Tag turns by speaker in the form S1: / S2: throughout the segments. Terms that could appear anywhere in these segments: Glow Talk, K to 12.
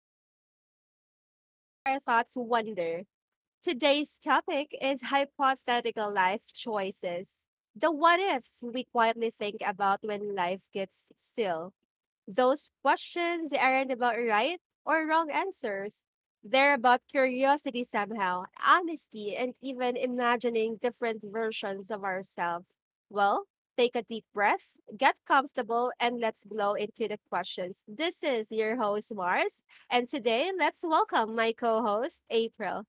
S1: reflect, and let our thoughts wander. Today's topic is hypothetical life choices, the what ifs we quietly think about when life gets still. Those questions aren't about right or wrong answers. They're about curiosity somehow, honesty, and even imagining different versions of ourselves. Well, take a deep breath, get comfortable, and let's blow into the questions. This is your host, Mars, and today let's welcome my co host, April.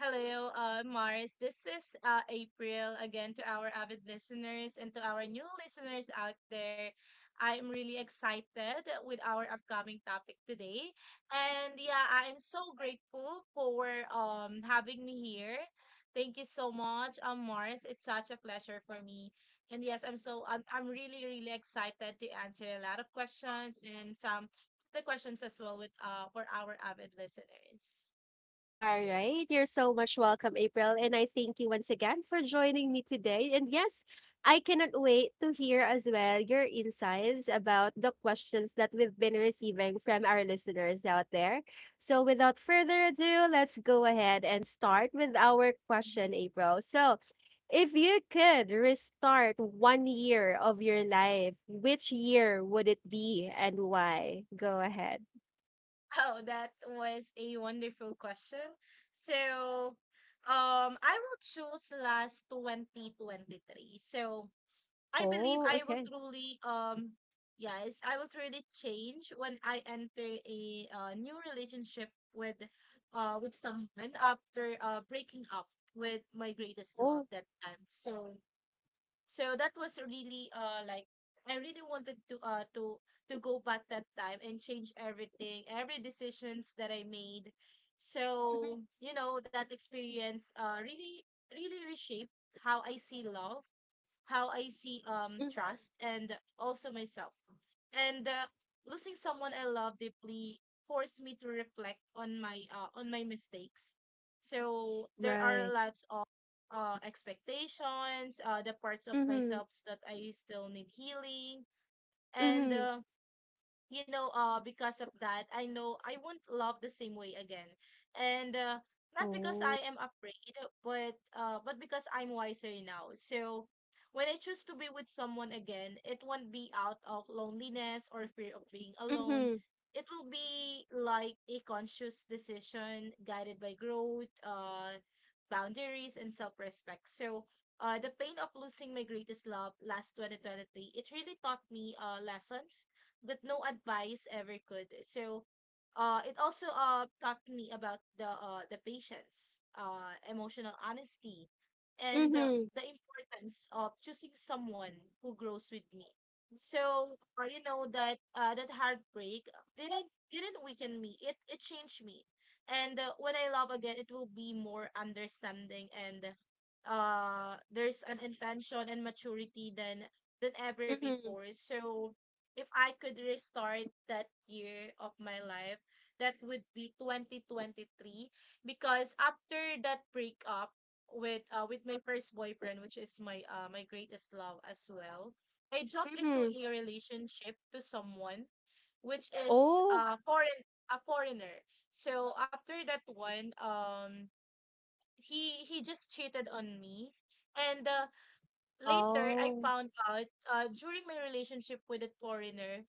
S2: Hello, Mars. This is April again to our avid listeners and to our new listeners out there. I am really excited with our upcoming topic today, and yeah, I am so grateful for having me here. Thank you so much, Mars. It's such a pleasure for me, and yes, I'm so I'm really excited to answer a lot of questions and some of the questions as well with for our avid listeners.
S1: All right. You're so much welcome, April. And I thank you once again for joining me today. And yes, I cannot wait to hear as well your insights about the questions that we've been receiving from our listeners out there. So, without further ado, let's go ahead and start with our
S2: Mm-hmm.
S1: question, April. So, if you could restart one year of your life, which year would it be and why? Go ahead.
S2: Oh, that was a wonderful question. So, I will choose last 2023. So, I believe
S1: Oh,
S2: I will
S1: okay.
S2: truly, yes, I will truly change when I enter a new relationship with someone after breaking up with my greatest love
S1: Oh,
S2: that time. So that was really like I really wanted to to go back that time and change everything, every decisions that I made.
S1: mhm,
S2: So, you know, that experience really reshaped how I see love, how I see
S1: mhm.
S2: trust and also myself. And losing someone I love deeply forced me to reflect on my mistakes. So there are
S1: Right.
S2: lots of expectations, the parts of
S1: Mhm,
S2: myself that I still need healing, and
S1: mhm.
S2: because of that, I know I won't love the same way again. And not because
S1: Oh.
S2: I am afraid, but because I'm wiser now. So when I choose to be with someone again, it won't be out of loneliness or fear of being alone.
S1: Mhm,
S2: It will be like a conscious decision guided by growth, boundaries, and self-respect. So the pain of losing my greatest love last 2023, it really taught me lessons that no advice ever could. So it also taught me about the patience, emotional honesty and
S1: mhm,
S2: the importance of choosing someone who grows with me. So you know that that heartbreak didn't weaken me. It changed me, and when I love again, it will be more understanding and there's an intention and maturity than ever
S1: mhm,
S2: before. So if I could restart that year of my life, that would be 2023 because after that breakup with my first boyfriend, which is my my greatest love as well, I jumped into
S1: mhm.
S2: a relationship to someone which is
S1: Oh,
S2: foreign a foreigner. So after that one, he just cheated on me, and later I
S1: oh.
S2: found out during my relationship with a foreigner,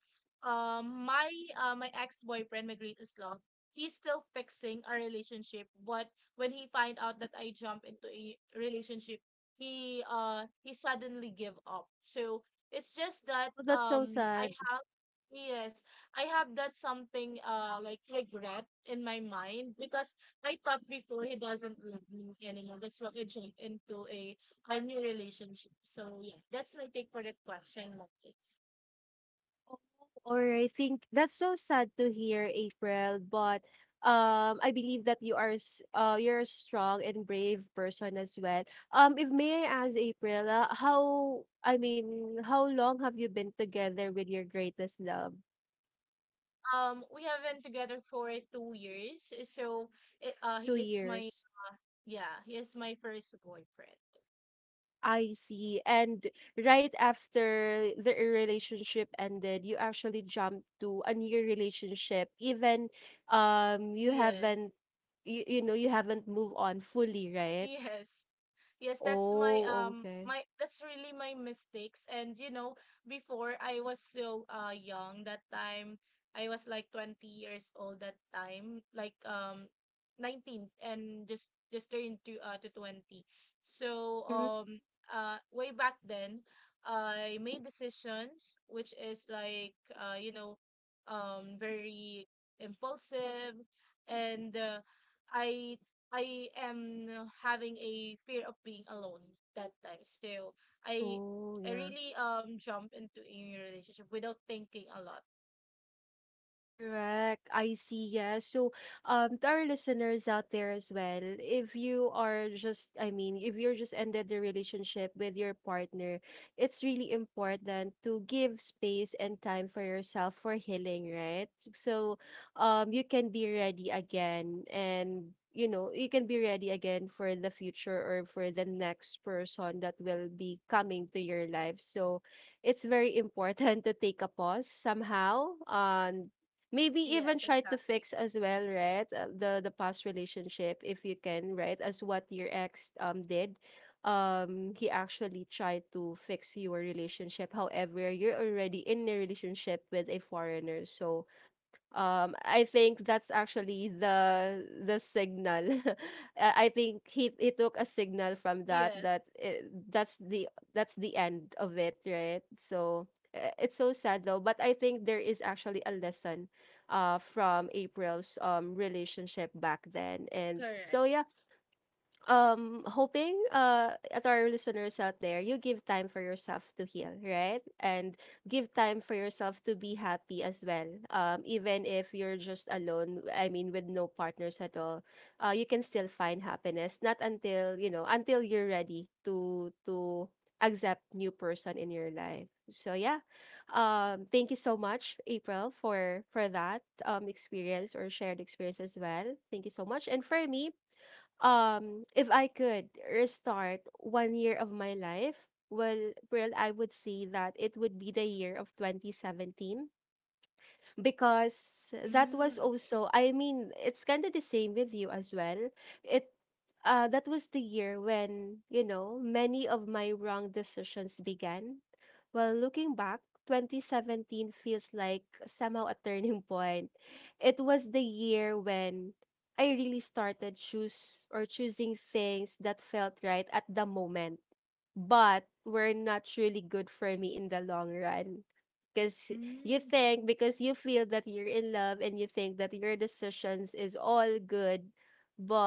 S2: um, my my ex boyfriend, my greatest love, he's still fixing our relationship. But when he find out that I jump into a relationship, he suddenly give up. So it's just that
S1: Well, that's so
S2: I
S1: sad.
S2: have, yes, I have that something like regret in my mind because I thought before he doesn't love me anymore. That's why I jumped into a new relationship. So yeah, that's my take for that question, Marcus.
S1: Oh, or I think that's so sad to hear, April. But I believe that you are you're a strong and brave person as well. If may I ask, April, how long have you been together with your greatest love?
S2: We have been together for 2 years, so it,
S1: Two
S2: he is my
S1: years.
S2: yeah, he is my first boyfriend.
S1: I see. And right after the relationship ended, you actually jumped to a new relationship. Even you
S2: Yes,
S1: haven't you, you know you haven't moved on fully, right?
S2: yes. Yes,
S1: Oh, okay.
S2: that's really my mistakes. And you know, before I was so young that time. I was like 20 years old that time, like 19 and just turned to 20. So
S1: Mm.
S2: um way back then, I made decisions which is like you know, very impulsive and I I am having a fear of being alone that time. So I
S1: Oh,
S2: I
S1: yeah.
S2: really jump into a new relationship without thinking a lot.
S1: Correct. I see. Yeah. So, to our listeners out there as well, if you are just, I mean, if you're just ended the relationship with your partner, it's really important to give space and time for yourself for healing, right? So, you can be ready again, and you can be ready again for the future or for the next person that will be coming to your life. So it's very important to take a pause somehow. On Maybe even
S2: Yes,
S1: try to
S2: exactly.
S1: fix as well, right? The past relationship, if you can, right? As what your ex did. He actually tried to fix your relationship. However, you're already in a relationship with a foreigner. So I think that's actually the signal. I think he took a signal from
S2: Yes,
S1: that's the end of it, right? So it's so sad though, but I think there is actually a lesson from April's relationship back then, and
S2: correct.
S1: so yeah, hoping at our listeners out there, you give time for yourself to heal, right? And give time for yourself to be happy as well, even if you're just alone, I mean with no partners at all. You can still find happiness, not until you're ready to accept new person in your life. So yeah, thank you so much, April, for that
S2: Yes.
S1: experience, or shared experience as well. Thank you so much. And for me, if I could restart one year of my life, well, I would say that it would be the year of 2017, because that
S2: Mm,
S1: was
S2: okay.
S1: also, I mean, it's kind of the same with you as well. It That was the year when, you know, many of my wrong decisions began. Well, looking back, 2017 feels like somehow a turning point. It was the year when I really started choose or choosing things that felt right at the moment but were not really good for me in the long run, because you
S2: Mm,
S1: think, because you feel that you're in love and you think that your decisions is all good,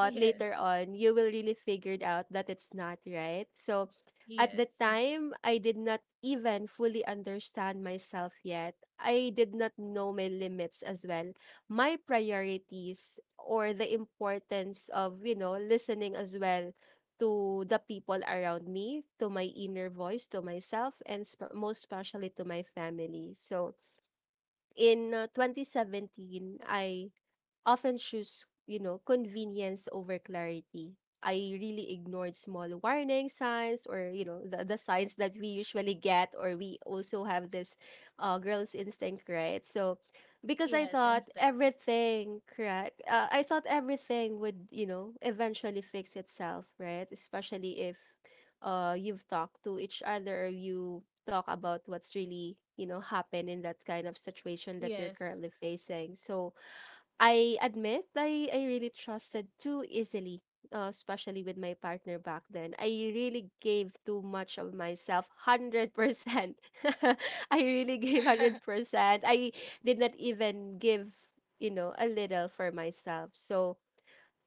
S2: yes.
S1: later on you will really figure it out that it's not right. So at the
S2: Yes.
S1: time, I did not even fully understand myself yet. I did not know my limits as well, my priorities, or the importance of listening as well to the people around me, to my inner voice, to myself, and most especially to my family. So in 2017, I often choose convenience over clarity. I really ignored small warning signs, or, you know, the signs that we usually get, or we also have this girl's instinct, right? So, because I
S2: Yes,
S1: thought
S2: instinct.
S1: everything, correct? I thought everything would eventually fix itself, right? Especially if you've talked to each other, or you talk about what's really happened in that kind of situation that you're
S2: Yes.
S1: currently facing. So, I admit I really trusted too easily, especially with my partner back then. I really gave too much of myself, 100%. I really gave 100%. I did not even give a little for myself. So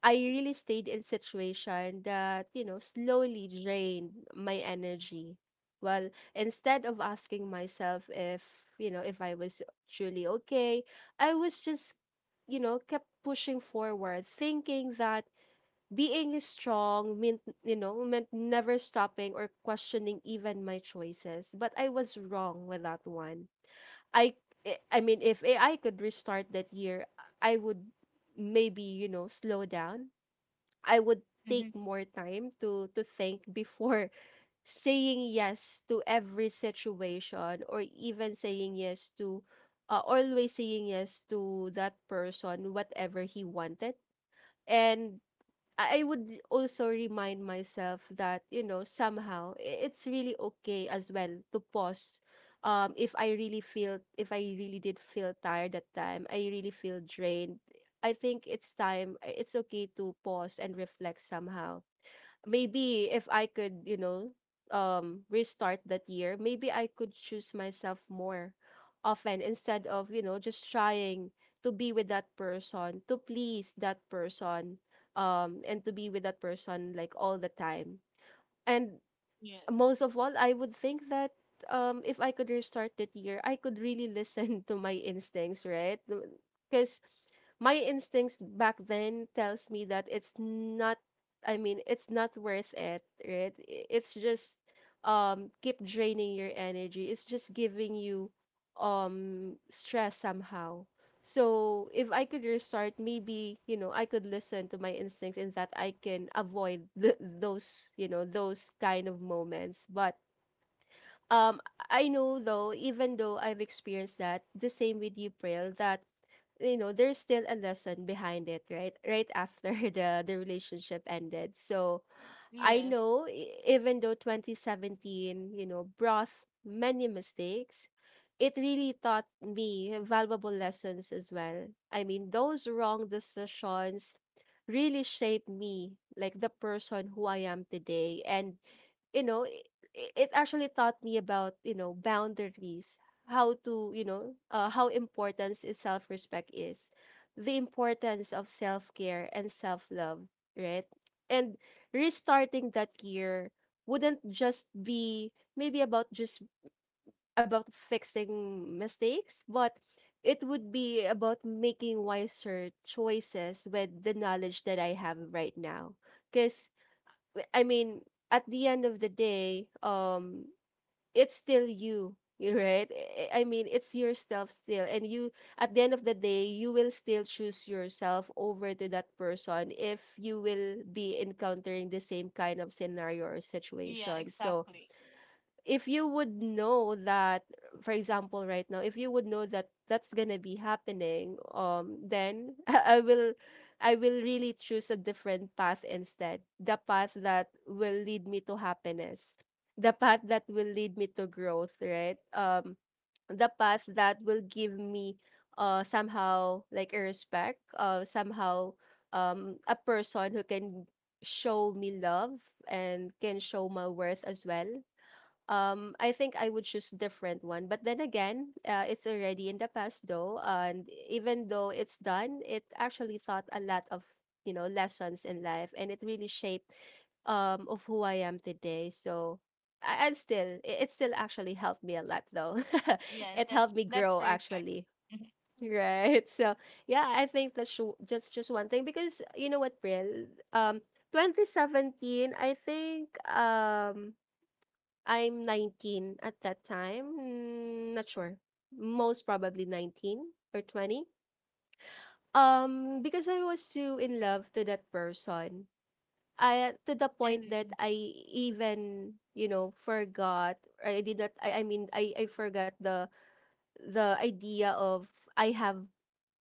S1: I really stayed in situation that slowly drained my energy. Well, instead of asking myself if, you know, if I was truly okay, I was just kept pushing forward, thinking that being strong meant, meant never stopping or questioning even my choices. But I was wrong with that one. I I I mean, if AI could restart that year, I would maybe, slow down. I would take
S2: Hmm.
S1: more time to think before saying yes to every situation, or even saying yes to always saying yes to that person whatever he wanted. And I would also remind myself that somehow it's really okay as well to pause. If I really feel, if I really did feel tired that time, I really feel drained. I think it's okay to pause and reflect somehow. Maybe if I could, restart that year, maybe I could choose myself more often, instead of just trying to be with that person, to please that person, and to be with that person like all the time. And
S2: Yes.
S1: most of all, I would think that, if I could restart that year, I could really listen to my instincts, right? Because my instincts back then tells me that it's not. I mean, it's not worth it, right? It's just keep draining your energy. It's just giving you stress somehow. So if I could restart, maybe, I could listen to my instincts, in that I can avoid those, those kind of moments. But um I know though, even though I've experienced that, the same with you, Pril, that there's still a lesson behind it, right? Right after the relationship ended. So I
S2: Yes.
S1: know, even though 2017, brought many mistakes, it really taught me valuable lessons as well. I mean, those wrong decisions really shaped me, like the person who I am today. And, you know, it, it actually taught me about boundaries, how to, you know, how important is self respect is, the importance of self care and self love, right? And restarting that year wouldn't just be maybe about just about fixing mistakes, but it would be about making wiser choices with the knowledge that I have right now. Because, I mean, at the end of the day, it's still you you, right? I mean, it's yourself still, and you, at the end of the day, you will still choose yourself over to that person if you will be encountering the same kind of scenario or
S2: Yeah,
S1: situation. So
S2: exactly.
S1: if you would know that, for example, right now, if you would know that that's gonna be happening, then I will really choose a different path, instead the path that will lead me to happiness, the path that will lead me to growth, right? The path that will give me somehow like a respect, somehow, a person who can show me love and can show my worth as well. I think I would choose different one. But then again, it's already in the past though, and even though it's done, it actually taught a lot of lessons in life, and it really shaped of who I am today. So and still, it still actually helped me a lot though.
S2: Yes,
S1: It helped me
S2: that's
S1: grow
S2: perfect.
S1: actually.
S2: Mhm.
S1: Right. So yeah, I think that's just one thing, because you know what, Brill, um, 2017, I think I'm 19 at that time. Not sure. Most probably 19 or 20. Because I was too in love to that person. I, to the point
S2: And
S1: that I even forgot. I did not I mean I forgot the idea of. I have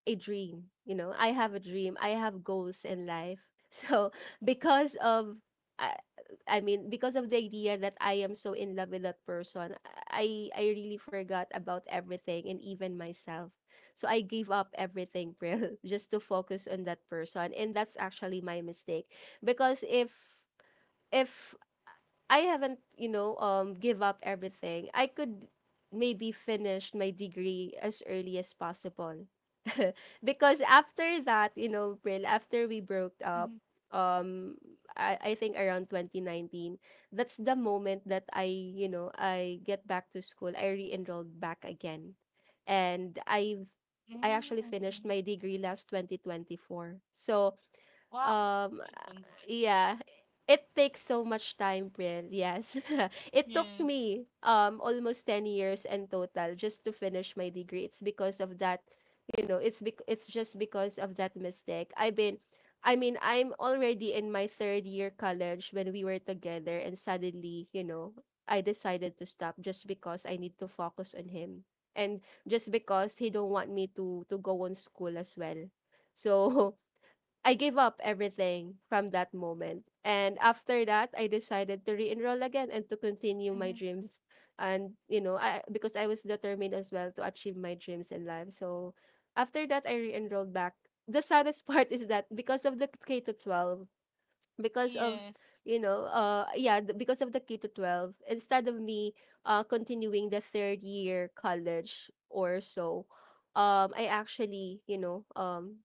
S1: a dream. You know, I have a dream. I have goals in life. So because of I, because of the idea that I am so in love with that person, I really forgot about everything and even myself. So I gave up everything, Pril, just to focus on that person. And that's actually my mistake. Because if I haven't, give up everything. I could maybe finish my degree as early as possible. Because after that, you know, Brill, after we broke up,
S2: mhm.
S1: um, I think around 2019, that's the moment that you know, I get back to school. I re-enrolled back again. And I've I
S2: Mm,
S1: actually
S2: okay.
S1: finished my degree last 2024. So,
S2: Wow.
S1: um
S2: Okay, congrats.
S1: yeah. It takes so much time, Pril. Yes. It took
S2: Yes.
S1: me almost 10 years in total just to finish my degree. It's because of that, you know, it's just because of that mistake. I mean, I'm already in my third year college when we were together and suddenly, you know, I decided to stop just because I need to focus on him and just because he don't want me to go on school as well. So I gave up everything from that moment. And after that, I decided to re-enroll again and to continue
S2: Mm-hmm.
S1: my dreams. And, you know, I because I was determined as well to achieve my dreams in life. So after that, I re-enrolled back. The saddest part is that because of the K to 12, because of,
S2: Yes.
S1: you know, yeah, th- because of the K to 12, instead of me continuing the third year college or so, I actually,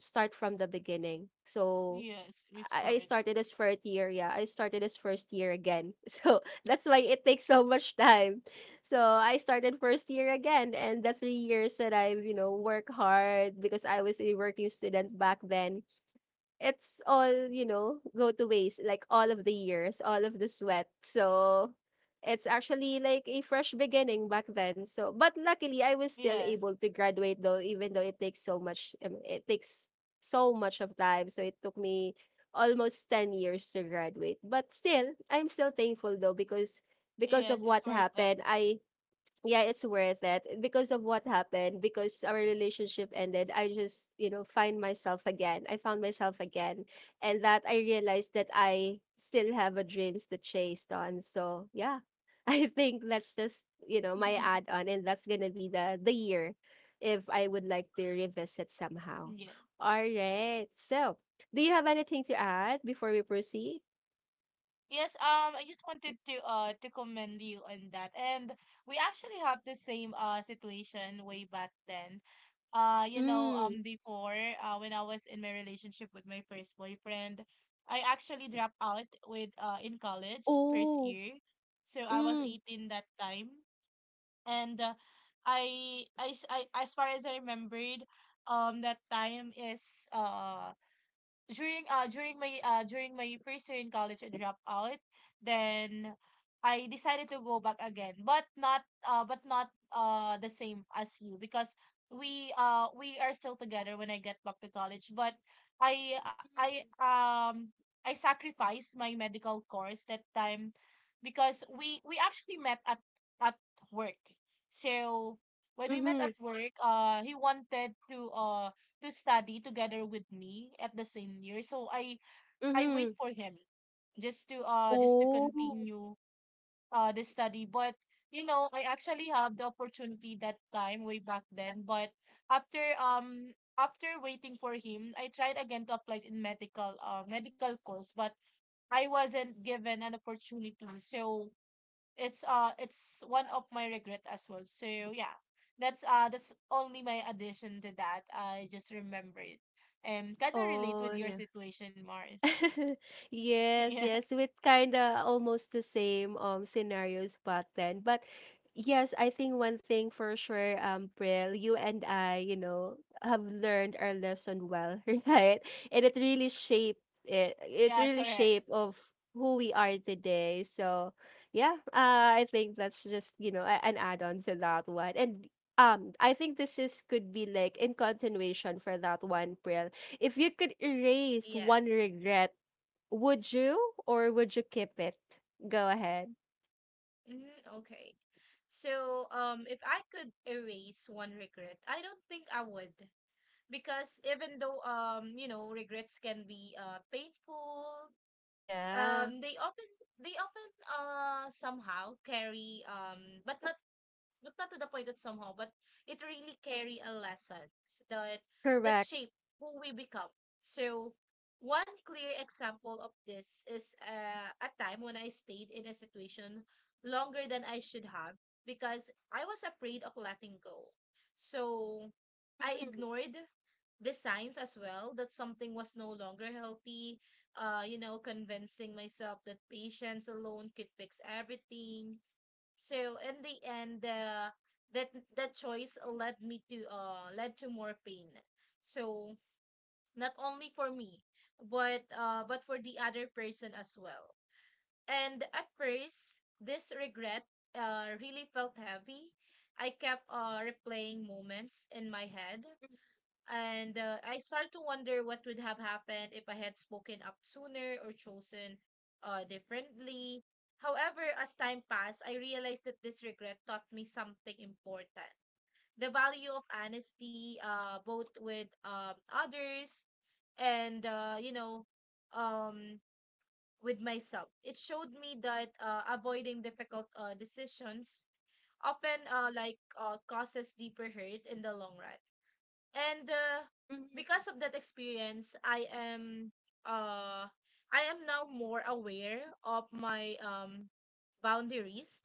S1: start from the beginning. So
S2: Yes.
S1: I
S2: Restored.
S1: started as first year. Yeah, I started as first year again. So that's why it takes so much time. So I started first year again, and the three years that I've, you know, work hard because I was a working student back then, it's all, you know, go to waste, like all of the years, all of the sweat. So it's actually like a fresh beginning back then. So but luckily I was still
S2: Yes.
S1: able to graduate, though even though it takes so much it takes so much of time. So it took me almost 10 years to graduate, but still I'm still thankful though because of
S2: Yes. It's
S1: what
S2: worth it.
S1: happened, I yeah, it's worth it, eh, because of what happened. Because our relationship ended, I just, you know, find myself again. I found myself again, and that I realized that I still have a dreams to chase on. So yeah, I think that's just, you know, my add on, and that's gonna be the year if I would like to revisit somehow.
S2: Yeah.
S1: All right. So, do you have anything to add before we proceed?
S2: Yes. Um, I just wanted to commend you on that, and we actually had the same situation way back then. You know,
S1: Mm.
S2: when I was in my relationship with my first boyfriend, I actually dropped out with in college first
S1: Oh.
S2: year, so I was
S1: Mm.
S2: 18 that time. And as far as I remembered that time is during my first year in college I dropped out. Then I decided to go back again, but not the same as you because we are still together when I get back to college. But I
S1: Mm.
S2: I um I sacrificed my medical course that time because we actually met at at work. So when we met
S1: Mm-hmm.
S2: at work, he wanted to study together with me at the same year. So I
S1: Mm-hmm.
S2: wait for him just to
S1: Oh,
S2: continue the study. But you know, I actually have the opportunity that time way back then. But after after waiting for him, I tried again to apply in medical medical course, but I wasn't given an opportunity. So it's one of my regret as well. So yeah, that's only my addition to that. I just remembered. Kind of relate with
S1: oh,
S2: your
S1: yeah.
S2: situation, Mars.
S1: Yes,
S2: Yeah,
S1: yes, with kinda almost the same scenarios back then. But yes, I think one thing for sure, Pril, you and I, you know, have learned our lesson well, right? And it really shaped
S2: yeah, correct.
S1: of who we are today. So yeah, I think that's just, you know, an add-on to that one. And I think this is could be like in continuation for that one, Pril. If you could erase
S2: Yes.
S1: one regret, would you or would you keep it? Go ahead.
S2: Mm-hmm. Okay. So, if I could erase one regret, I don't think I would. Because even though, you know, regrets can be painful,
S1: Yeah,
S2: um, they often they often somehow carry but not not not to the point that somehow, but it really carry a lesson that
S1: correct.
S2: shape who we become. So one clear example of this is a time when I stayed in a situation longer than I should have because I was afraid of letting go. So I
S1: Mhm,
S2: ignored the signs as well that something was no longer healthy. You know, convincing myself that patience alone could fix everything, so in the end, that that choice led me to led to more pain. So not only for me, but for the other person as well. And at first, this regret really felt heavy. I kept replaying moments in my head and I start to wonder what would have happened if I had spoken up sooner or chosen differently. However, as time passed, I realized that this regret taught me something important, the value of honesty, both with others and, um, with myself. It showed me that avoiding difficult decisions often causes deeper hurt in the long run, and
S1: mhm.
S2: because of that experience uh I am now more aware of my boundaries,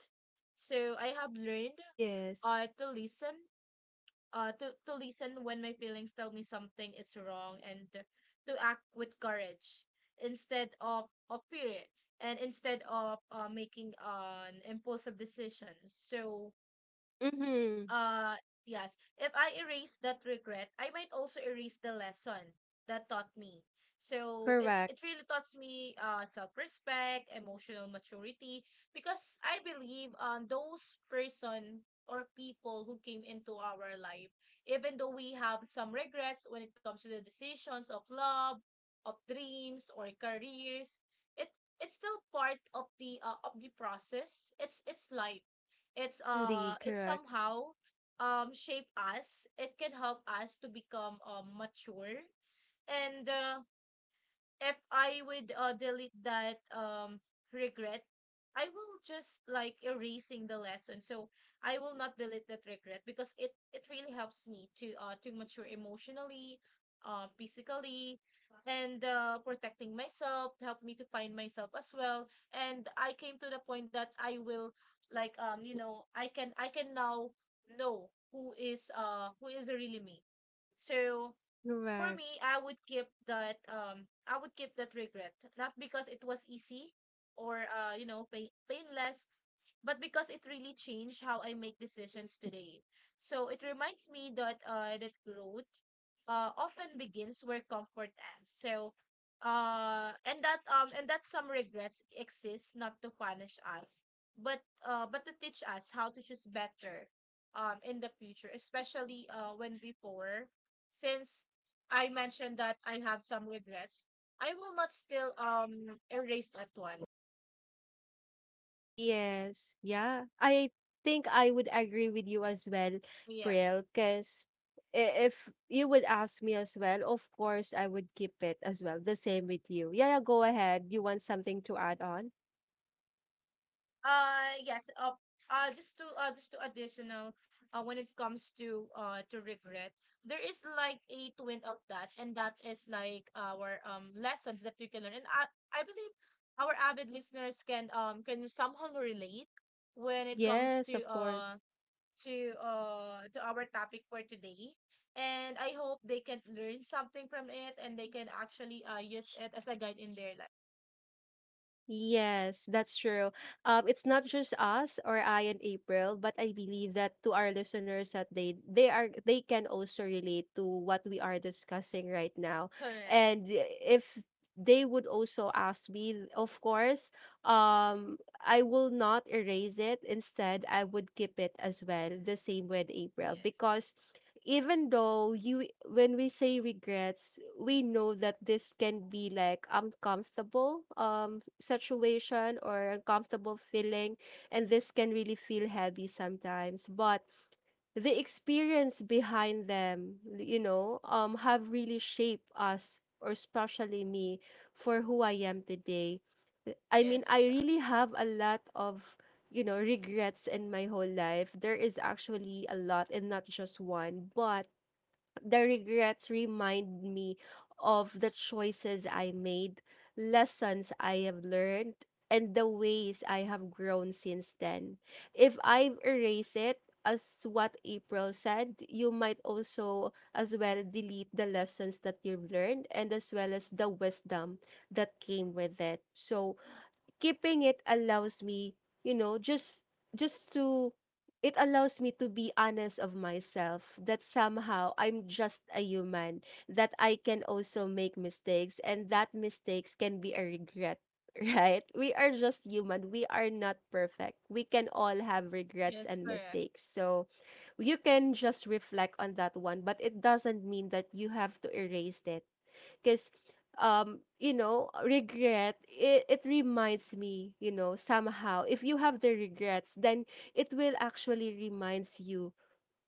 S2: so I have learned
S1: Yes.
S2: uh to listen to listen when my feelings tell me something is wrong and to act with courage instead of fear it, and instead of making an impulsive decision. So
S1: Mm-hmm.
S2: uh, yes. If I erase that regret, I might also erase the lesson that taught me. So it
S1: Correct.
S2: it really taught me self-respect, emotional maturity because I believe those person or people who came into our life, even though we have some regrets when it comes to the decisions of love, of dreams or careers, it, it's still part of the process. It's life,
S1: Indeed,
S2: it's
S1: correct.
S2: somehow shape us, it can help us to become mature and if I would delete that regret, I will just like erasing the lesson. So I will not delete that regret because it really helps me to mature emotionally, physically, and protecting myself, help me to find myself as well. And I came to the point that I will like you know I can now know who is really me. So for
S1: Correct.
S2: me, I would keep that, I would keep that regret. Not because it was easy or you know, pain, painless, but because it really changed how I make decisions today. So it reminds me that that growth often begins where comfort ends. So and that some regrets exist not to punish us, but but to teach us how to choose better in the future, especially when before, since I mentioned that I have some regrets, I will not still erase that one.
S1: Yes. Yeah. I think I would agree with you as well,
S2: Yeah.
S1: Pril, because if you would ask me as well, of course I would keep it as well. The same with you. Yeah, yeah, go ahead. You want something to add on?
S2: Uh yes, uh, just to additional when it comes to regret, there is like a twin of that, and that is like our lessons that we can learn. And I believe our avid listeners can somehow relate when it comes
S1: Yes,
S2: to
S1: of course.
S2: to our topic for today. And I hope they can learn something from it and they can actually use it as a guide in their life.
S1: Yes, that's true. It's not just us or I and April, but I believe that to our listeners that they can also relate to what we are discussing right now.
S2: Correct.
S1: And if they would also ask me, of course, um, I will not erase it. Instead, I would keep it as well, the same with April,
S2: Yes.
S1: because even though, you, when we say regrets, we know that this can be like uncomfortable situation or uncomfortable feeling, and this can really feel heavy sometimes. But the experience behind them, you know, um, have really shaped us, or especially me, for who I am today. Eh, I mean,
S2: Yes,
S1: I
S2: exactly.
S1: really have a lot of, you know, regrets in my whole life. There is actually a lot and not just one. But the regrets remind me of the choices I made, lessons I have learned, and the ways I have grown since then. If I erase it, as what April said, you might also as well delete the lessons that you've learned, and as well as the wisdom that came with it. So keeping it allows me, you know, just to it allows me to be honest of myself, that somehow I'm just a human, that I can also make mistakes, and that mistakes can be a regret. Right, we are just human, we are not perfect, we can all have regrets
S2: Yes,
S1: and
S2: correct.
S1: mistakes. So you can just reflect on that one, but it doesn't mean that you have to erase it, because um, you know, regret it, reminds me, you know, somehow if you have the regrets, then it will actually reminds you,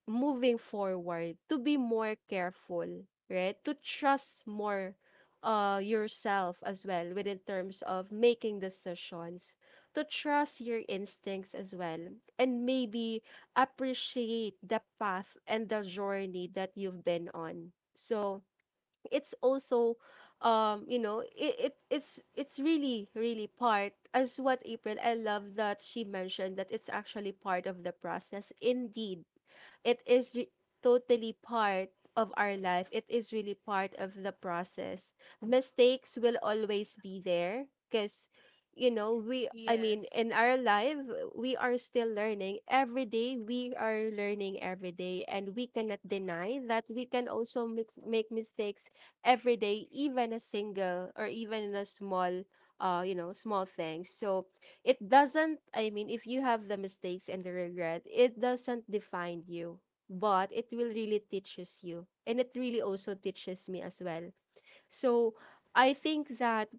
S1: moving forward, to be more careful, right, to trust more, uh, yourself as well within terms of making decisions, to trust your instincts as well, and maybe appreciate the path and the journey that you've been on. So it's also, um, you know, it's really really part, as what April, I love that she mentioned, that it's actually part of the process. Indeed, it is re- totally part of our life. It is really part of the process. Mistakes will always be there because, you know, I mean,
S2: Yes,
S1: in our life, we are still learning. Every day, we are learning every day. And we cannot deny that we can also make mistakes every day, even a single or even a small, you know, small thing. So, it doesn't, if you have the mistakes and the regret, it doesn't define you, but it will really teaches you, and it really also teaches me as well. So I think that,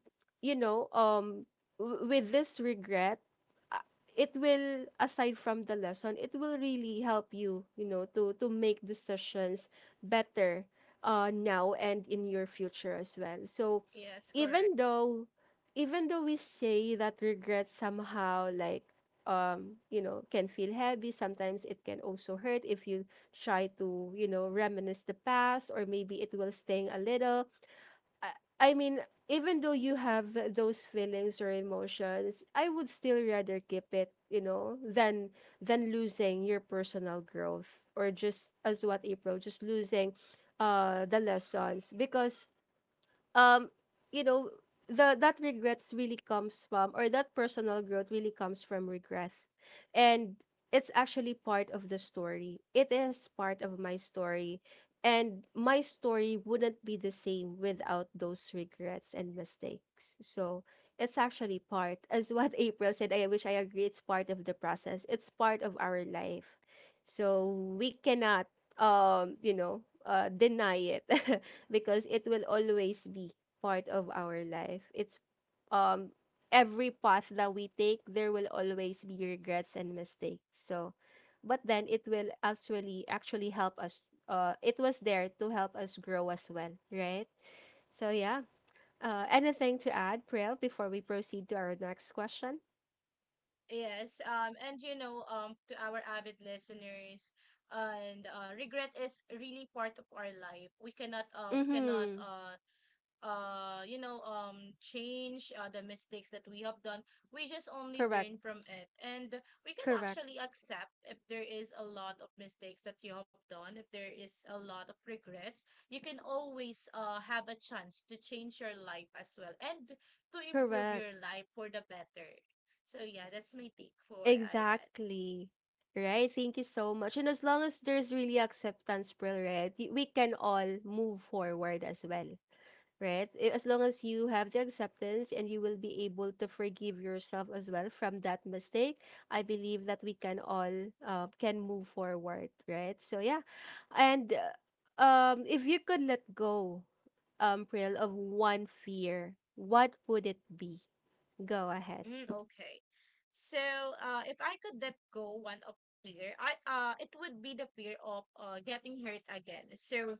S1: you know, with this regret, uh, it will, aside from the lesson, it will really help you, you know, to make decisions better, now and in your future as well. So
S2: yes, correct.
S1: even though, even though we say that regret somehow like, you know, can feel heavy. Sometimes it can also hurt if you try to, you know, reminisce the past, or maybe it will sting a little. I, I mean, even though you have those feelings or emotions, I would still rather keep it, you know, than losing your personal growth, or just as what April, just losing the lessons, because um, you know, the that regrets really comes from, or that personal growth really comes from regret. And it's actually part of the story, it is part of my story, and my story wouldn't be the same without those regrets and mistakes. So it's actually part, as what April said, I wish, I agree, it's part of the process, it's part of our life. So we cannot, um, you know, uh, deny it. Because it will always be part of our life. It's, um, every path that we take, there will always be regrets and mistakes. So, but then it will actually actually help us. It was there to help us grow as well, right? So yeah. Anything to add, Prel, before we proceed to our next question?
S2: Yes, and you know, to our avid listeners, and regret is really part of our life. We cannot,
S1: Mm-hmm.
S2: you know change the mistakes that we have done. We just only learn
S1: Correct.
S2: from it, and we can
S1: Correct.
S2: actually accept if there is a lot of mistakes that you have done. If there is a lot of regrets, you can always have a chance to change your life as well and to improve
S1: Correct.
S2: your life for the better. So yeah, that's my take for that,
S1: Exactly. Right? Thank you so much. And as long as there's really acceptance, Pearl, right, we can all move forward as well, right? As long as you have the acceptance and you will be able to forgive yourself as well from that mistake, I believe that we can all can move forward, right? So yeah, and if you could let go, Pearl, of one fear, what would it be? Go ahead.
S2: Mm, okay. So, if I could let go one of fear, I it would be the fear of getting hurt again. So,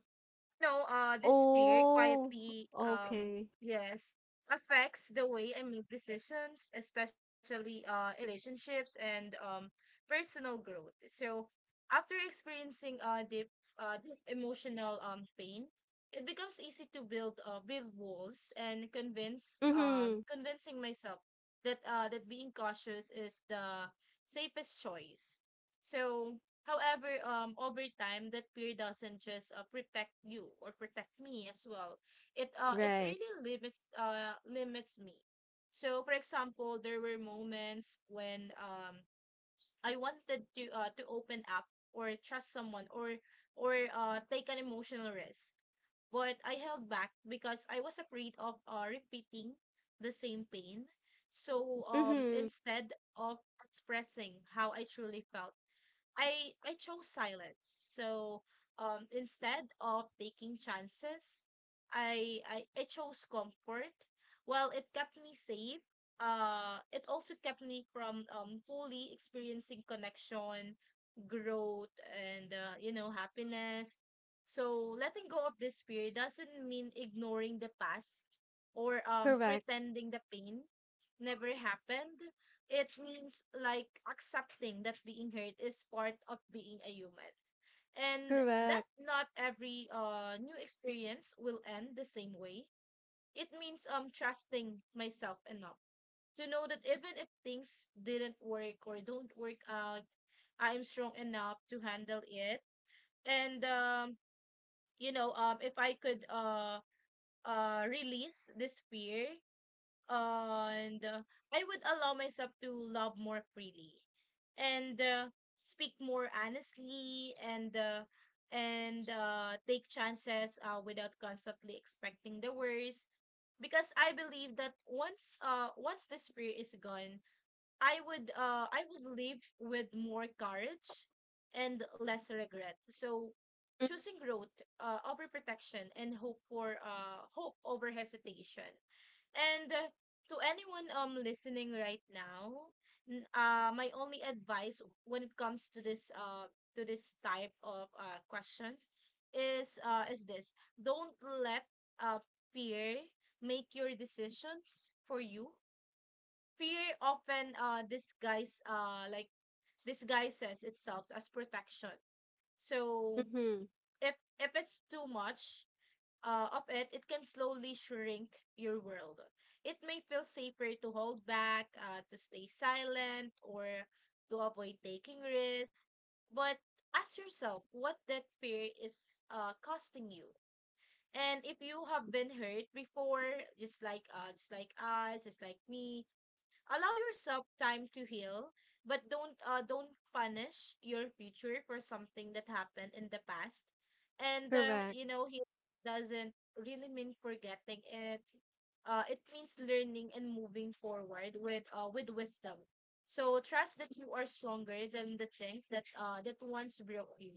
S2: no, this fear
S1: Oh,
S2: quietly,
S1: okay.
S2: yes, affects the way I make decisions, especially in relationships and personal growth. So, after experiencing deep emotional pain, it becomes easy to build walls and convince
S1: Mhm.
S2: convincing myself that that being cautious is the safest choice. So however, over time, that fear doesn't just protect you or protect me as well. It
S1: Right.
S2: really limits limits me. So, for example, there were moments when I wanted to open up or trust someone, or take an emotional risk, but I held back because I was afraid of repeating the same pain. So,
S1: Mhm.
S2: instead of expressing how I truly felt, I chose silence. So instead of taking chances, I chose comfort. Well, it kept me safe. It also kept me from fully experiencing connection, growth, and you know, happiness. So letting go of this fear doesn't mean ignoring the past or
S1: Correct.
S2: pretending the pain never happened. It means like accepting that being hurt is part of being a human. And that
S1: Correct.
S2: not every new experience will end the same way. It means trusting myself enough to know that even if things didn't work or don't work out, I'm strong enough to handle it. And if I could release this fear and I would allow myself to love more freely and speak more honestly and take chances without constantly expecting the worst, because I believe that once the fear is gone, I would live with more courage and less regret. So
S1: Mhm.
S2: choosing growth over protection, and hope over hesitation. And to anyone listening right now, my only advice when it comes to this type of question is this. Don't let uh fear make your decisions for you. Fear often disguises itself as protection. So
S1: Mhm.
S2: if it's too much of it, it can slowly shrink your world. It may feel safer to hold back, to stay silent, or to avoid taking risks. But ask yourself what that fear is costing you. And if you have been hurt before, just like us, just like me, allow yourself time to heal, but don't punish your future for something that happened in the past. And
S1: Correct.
S2: you know, healing doesn't really mean forgetting it. It means learning and moving forward with wisdom. So trust that you are stronger than the things that that once broke you.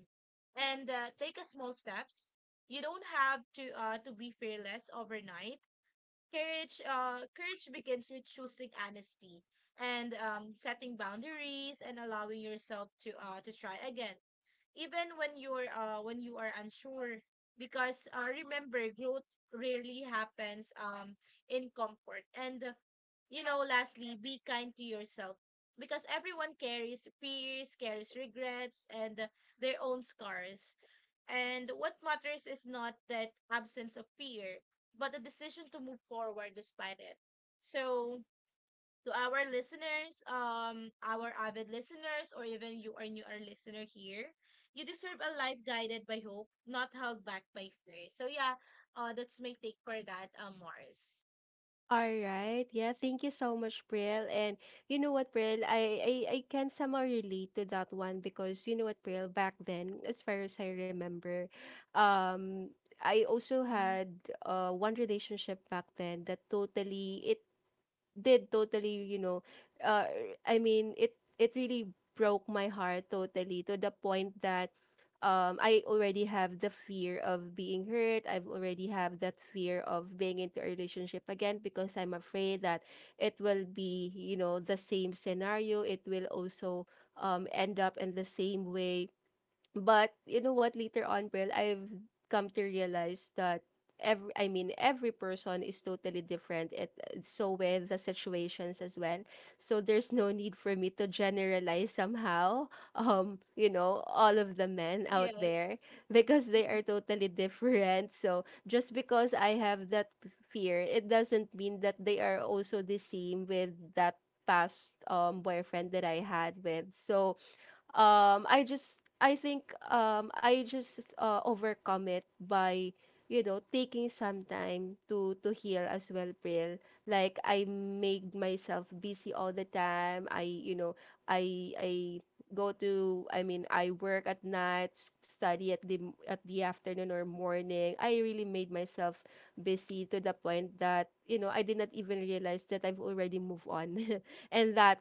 S2: And take a small steps. You don't have to be fearless overnight. Courage courage begins with choosing honesty and setting boundaries and allowing yourself to try again, even when you're when you are unsure, because remember, growth rarely happens in comfort. And you know, lastly, be kind to yourself, because everyone carries fears, carries regrets, and their own scars. And what matters is not that absence of fear, but the decision to move forward despite it. So to our listeners, our avid listeners, or even you are new our listener here, you deserve a life guided by hope, not held back by fear. So yeah, that's my take for that, Mars.
S1: All right. Yeah, thank you so much, Pril. And you know what, Pril, I can somehow relate to that one, because you know what, Pril, back then, as far as I remember, um, I also
S2: Mm-hmm.
S1: had one relationship back then that totally it did totally, you know, uh, I mean, it really broke my heart totally, to the point that I already have the fear of being hurt. I've already have that fear of being into a relationship again, because I'm afraid that it will be, you know, the same scenario. It will also end up in the same way. But you know what? Later on, well, I've come to realize that every person is totally different. It so with the situations as well. So there's no need for me to generalize somehow. All of the men out
S2: Yes,
S1: there because they are totally different. So just because I have that fear, it doesn't mean that they are also the same with that past boyfriend that I had with. So I think I just overcome it by taking some time to heal as well, Pril. Like I made myself busy all the time. I go to, I mean, I work at night, s- study at the afternoon or morning. I really made myself busy to the point that you know I did not even realize that I've already moved on. And that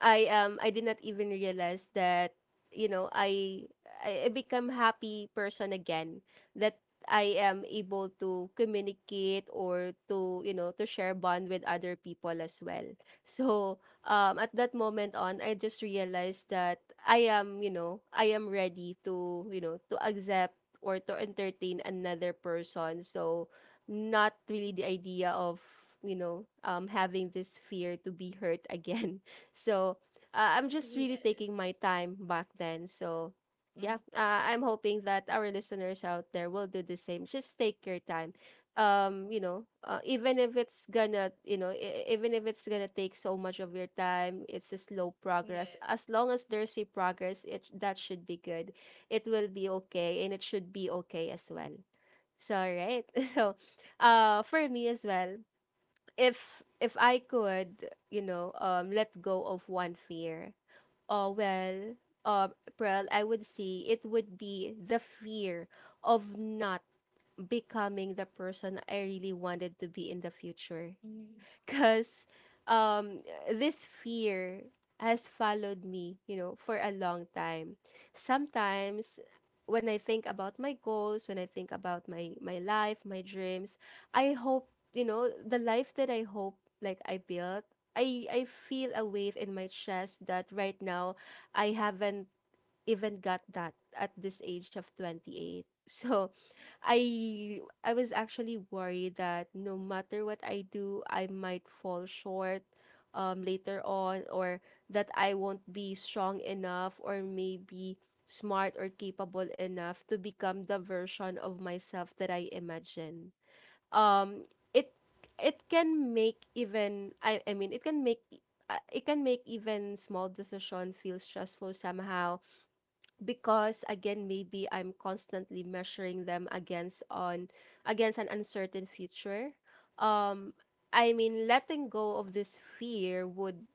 S1: I did not even realize that you know I I become happy person again, that I am able to communicate or to to share bond with other people as well. So at that moment on I just realized that I am, you know, I am ready to, you know, to accept or to entertain another person. So not really the idea of having this fear to be hurt again. So I'm just really taking my
S2: yes,
S1: time back then. So yeah,
S2: mm-hmm.
S1: I'm hoping that our listeners out there will do the same. Just take your time. Even if it's gonna, you know, e- even if it's gonna take so much of your time, it's a slow progress. As
S2: Yes,
S1: long as there's a progress, it that should be good. It will be okay, and it should be okay as well. So, all right. So, for me as well, if I could, you know, let go of one fear, oh well, Pearl, I would see it would be the fear of not becoming the person I really wanted to be in the future.
S2: mm-hmm.
S1: Because um this fear has followed me, you know, for a long time. Sometimes when I think about my goals, when I think about my life, my dreams, I hope, you know, the life that I hope, like I built, I feel a weight in my chest that right now I haven't even got that at this age of 28. So I was actually worried that no matter what I do, I might fall short, later on, or that I won't be strong enough or maybe smart or capable enough to become the version of myself that I imagine. It it can make even I mean it can make even small decision feel stressful somehow, because again maybe I'm constantly measuring them against an uncertain future. um Letting go of this fear would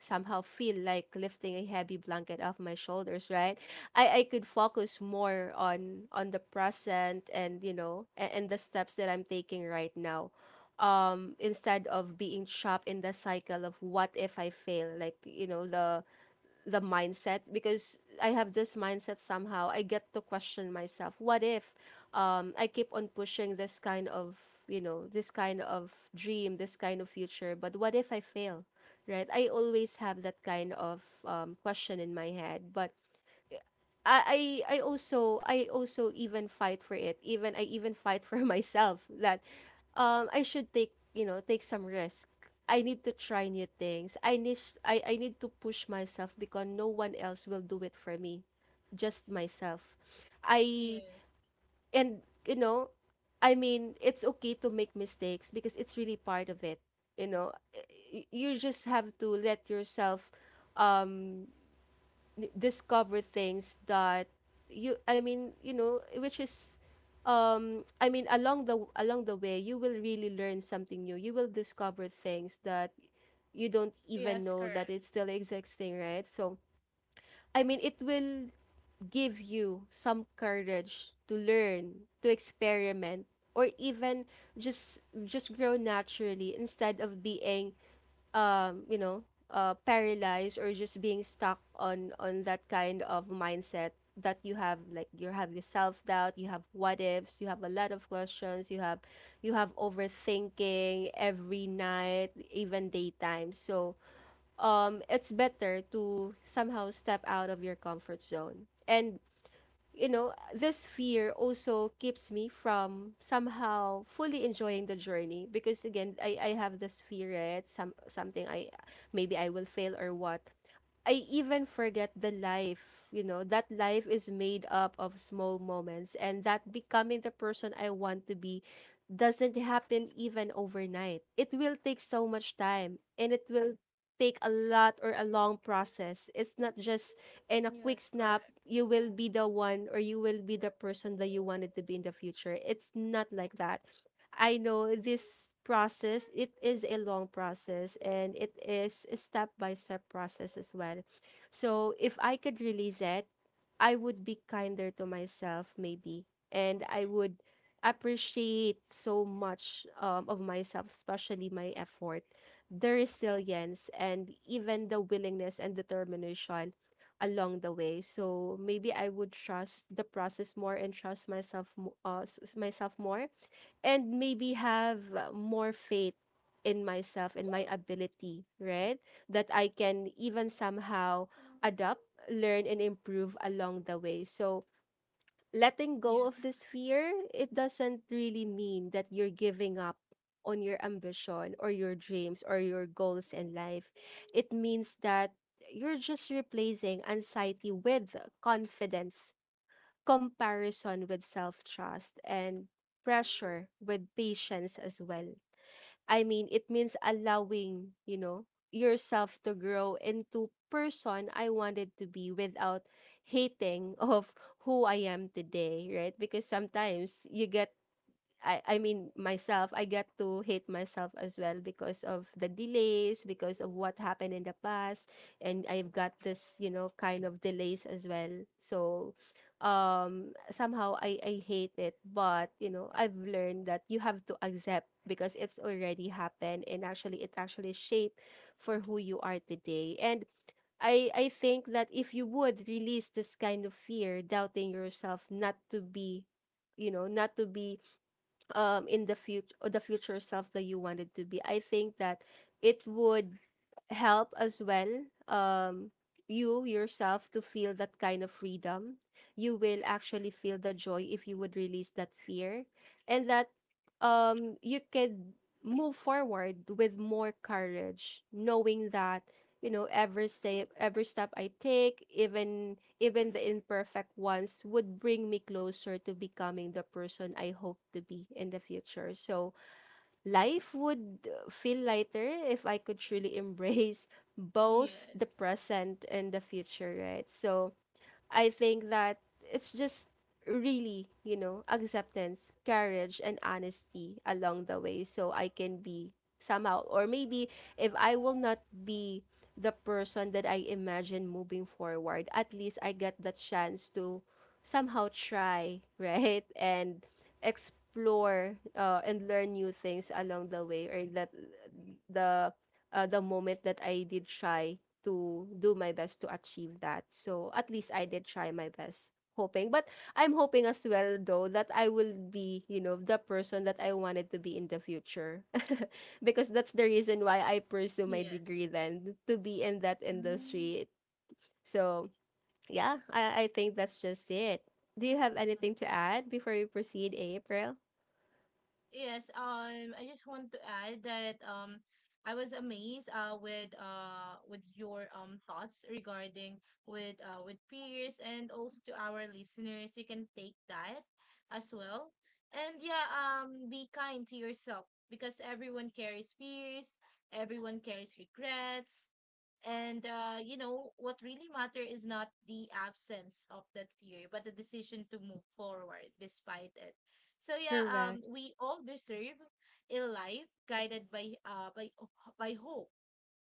S1: somehow feel like lifting a heavy blanket off my shoulders, right? I could focus more on the present, and and the steps that I'm taking right now, instead of being trapped in the cycle of what if I fail, like the mindset. Because I have this mindset somehow. I get to question myself. What if, I keep on pushing this kind of, you know, this kind of dream, this kind of future, but what if I fail? Right? I always have that kind of question in my head. But I also even fight for it. Even I even fight for myself that I should take, you know, take some risk. I need to try new things. I need to push myself because no one else will do it for me. Just myself. I.
S2: Yes,
S1: And, you know, I mean, it's okay to make mistakes because it's really part of it. You know, y- you just have to let yourself um n- discover things that you know, which is, along the way you will really learn something new. You will discover things that you don't even
S2: yes,
S1: know that
S2: correct.
S1: it's still existing, right? So I mean it will give you some courage to learn, to experiment, or even just grow naturally instead of being, um, you know, paralyzed or just being stuck on that kind of mindset that you have. Like you have your self doubt, you have what ifs, you have a lot of questions, you have overthinking every night, even daytime. So it's better to somehow step out of your comfort zone. And you know, this fear also keeps me from somehow fully enjoying the journey, because again, I have this fear, right? Some something, I maybe I will fail or what. I even forget the life, you know, that life is made up of small moments and that becoming the person I want to be doesn't happen even overnight. It will take so much time and it will take a lot or a long process. It's not just and a quick
S2: Yes,
S1: snap,
S2: correct.
S1: you will be the one or you will be the person that you wanted to be in the future. It's not like that. I know this process, it is a long process and it is a step by step process as well. So if I could release it, I would be kinder to myself maybe, and I would appreciate so much, of myself, especially my effort, the resilience, and even the willingness and determination along the way. So maybe I would trust the process more and trust myself more, and maybe have more faith in myself, in my ability, right? That I can even somehow adapt, learn, and improve along the way. So letting go of
S2: Yes,
S1: this
S2: correct.
S1: fear, it doesn't really mean that you're giving up on your ambition or your dreams or your goals in life. It means that you're just replacing anxiety with confidence, comparison with self trust, and pressure with patience as well. I mean, it means allowing, you know, yourself to grow into person I wanted to be without hating of who I am today, right? Because sometimes you get, myself, I got to hate myself as well because of the delays, because of what happened in the past, and I've got this, you know, kind of delays as well. So somehow I hate it, but you know, I've learned that you have to accept because it's already happened, and actually it actually shaped for who you are today. And I think that if you would release this kind of fear, doubting yourself not to be, you know, not to be, in the future, the future self that you wanted to be, I think that it would help as well, um you yourself, to feel that kind of freedom. You will actually feel the joy if you would release that fear. And that, you could move forward with more courage, knowing that, you know, every step I take, even the imperfect ones, would bring me closer to becoming the person I hope to be in the future. So life would feel lighter if I could truly embrace both the
S2: Yes,
S1: present and the future, right? So I think that it's just really, you know, acceptance, courage, and honesty along the way, so I can be somehow. Or maybe if I will not be the person that I imagine moving forward, at least I got the chance to somehow try, right? And explore, and learn new things along the way. Or that the, the moment that I did try to do my best to achieve that. So at least I did try my best, hoping. But I'm hoping as well, though, that I will be, you know, the person that I wanted to be in the future. Because that's the reason why I pursue my
S2: yes.
S1: degree then, to be in that
S2: Mm-hmm.
S1: industry. So yeah, I think that's just it. Do you have anything to add before we proceed, April?
S2: Yes, I just want to add that I was amazed with your thoughts regarding with peers and also to our listeners. You can take that as well, and yeah, be kind to yourself, because everyone carries fears, everyone carries regrets, and you know, what really matter is not the absence of that fear, but the decision to move forward despite it. So yeah,
S1: Correct.
S2: we all deserve a life guided by by hope.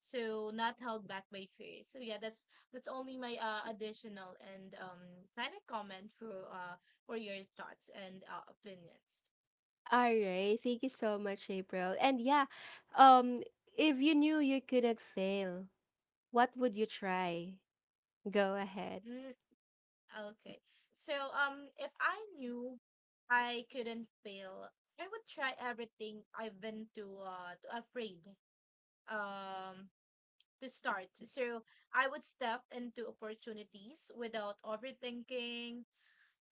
S2: So not held back by fear. So yeah, that's only my additional and kind of comment for your thoughts and opinions.
S1: All right. Thank you so much, April. And yeah, um, if you knew you couldn't fail, what would you try? Go ahead.
S2: Hmm. Okay. So, if I knew I couldn't fail, I would try everything I've been to afraid um to start. So I would step into opportunities without overthinking,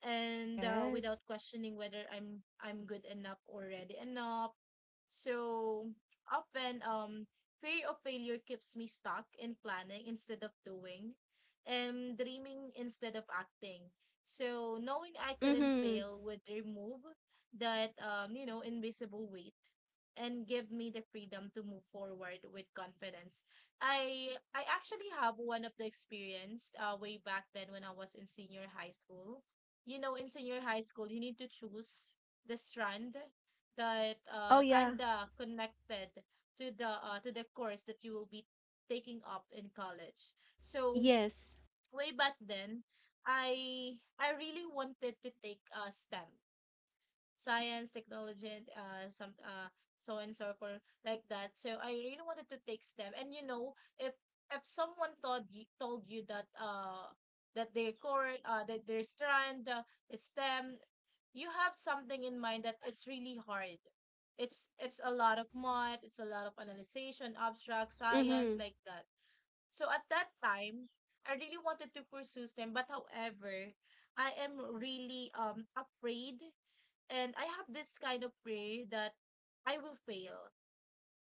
S2: and without
S1: Yes.
S2: questioning whether I'm good enough or ready enough. So often, fear of failure keeps me stuck in planning instead of doing, and dreaming instead of acting. So knowing I couldn't
S1: Mm-hmm.
S2: fail would remove that you know, invisible weight and give me the freedom to move forward with confidence. I actually have one of the experience way back then when I was in senior high school. You know, in senior high school, you need to choose the strand that
S1: Oh yeah.
S2: kinda connected to the course that you will be taking up in college. So
S1: Yes.
S2: way back then, i I really wanted to take STEM, science technology and some so and so forth like that. So I really wanted to take STEM, and you know, if if someone told you that that their core that their strand is STEM, you have something in mind that is really hard. It's a lot of math, it's a lot of analyzation, abstract science,
S1: Mm-hmm.
S2: like that. So at that time, I really wanted to pursue STEM, but however, I am really afraid, and I have this kind of fear that I will fail.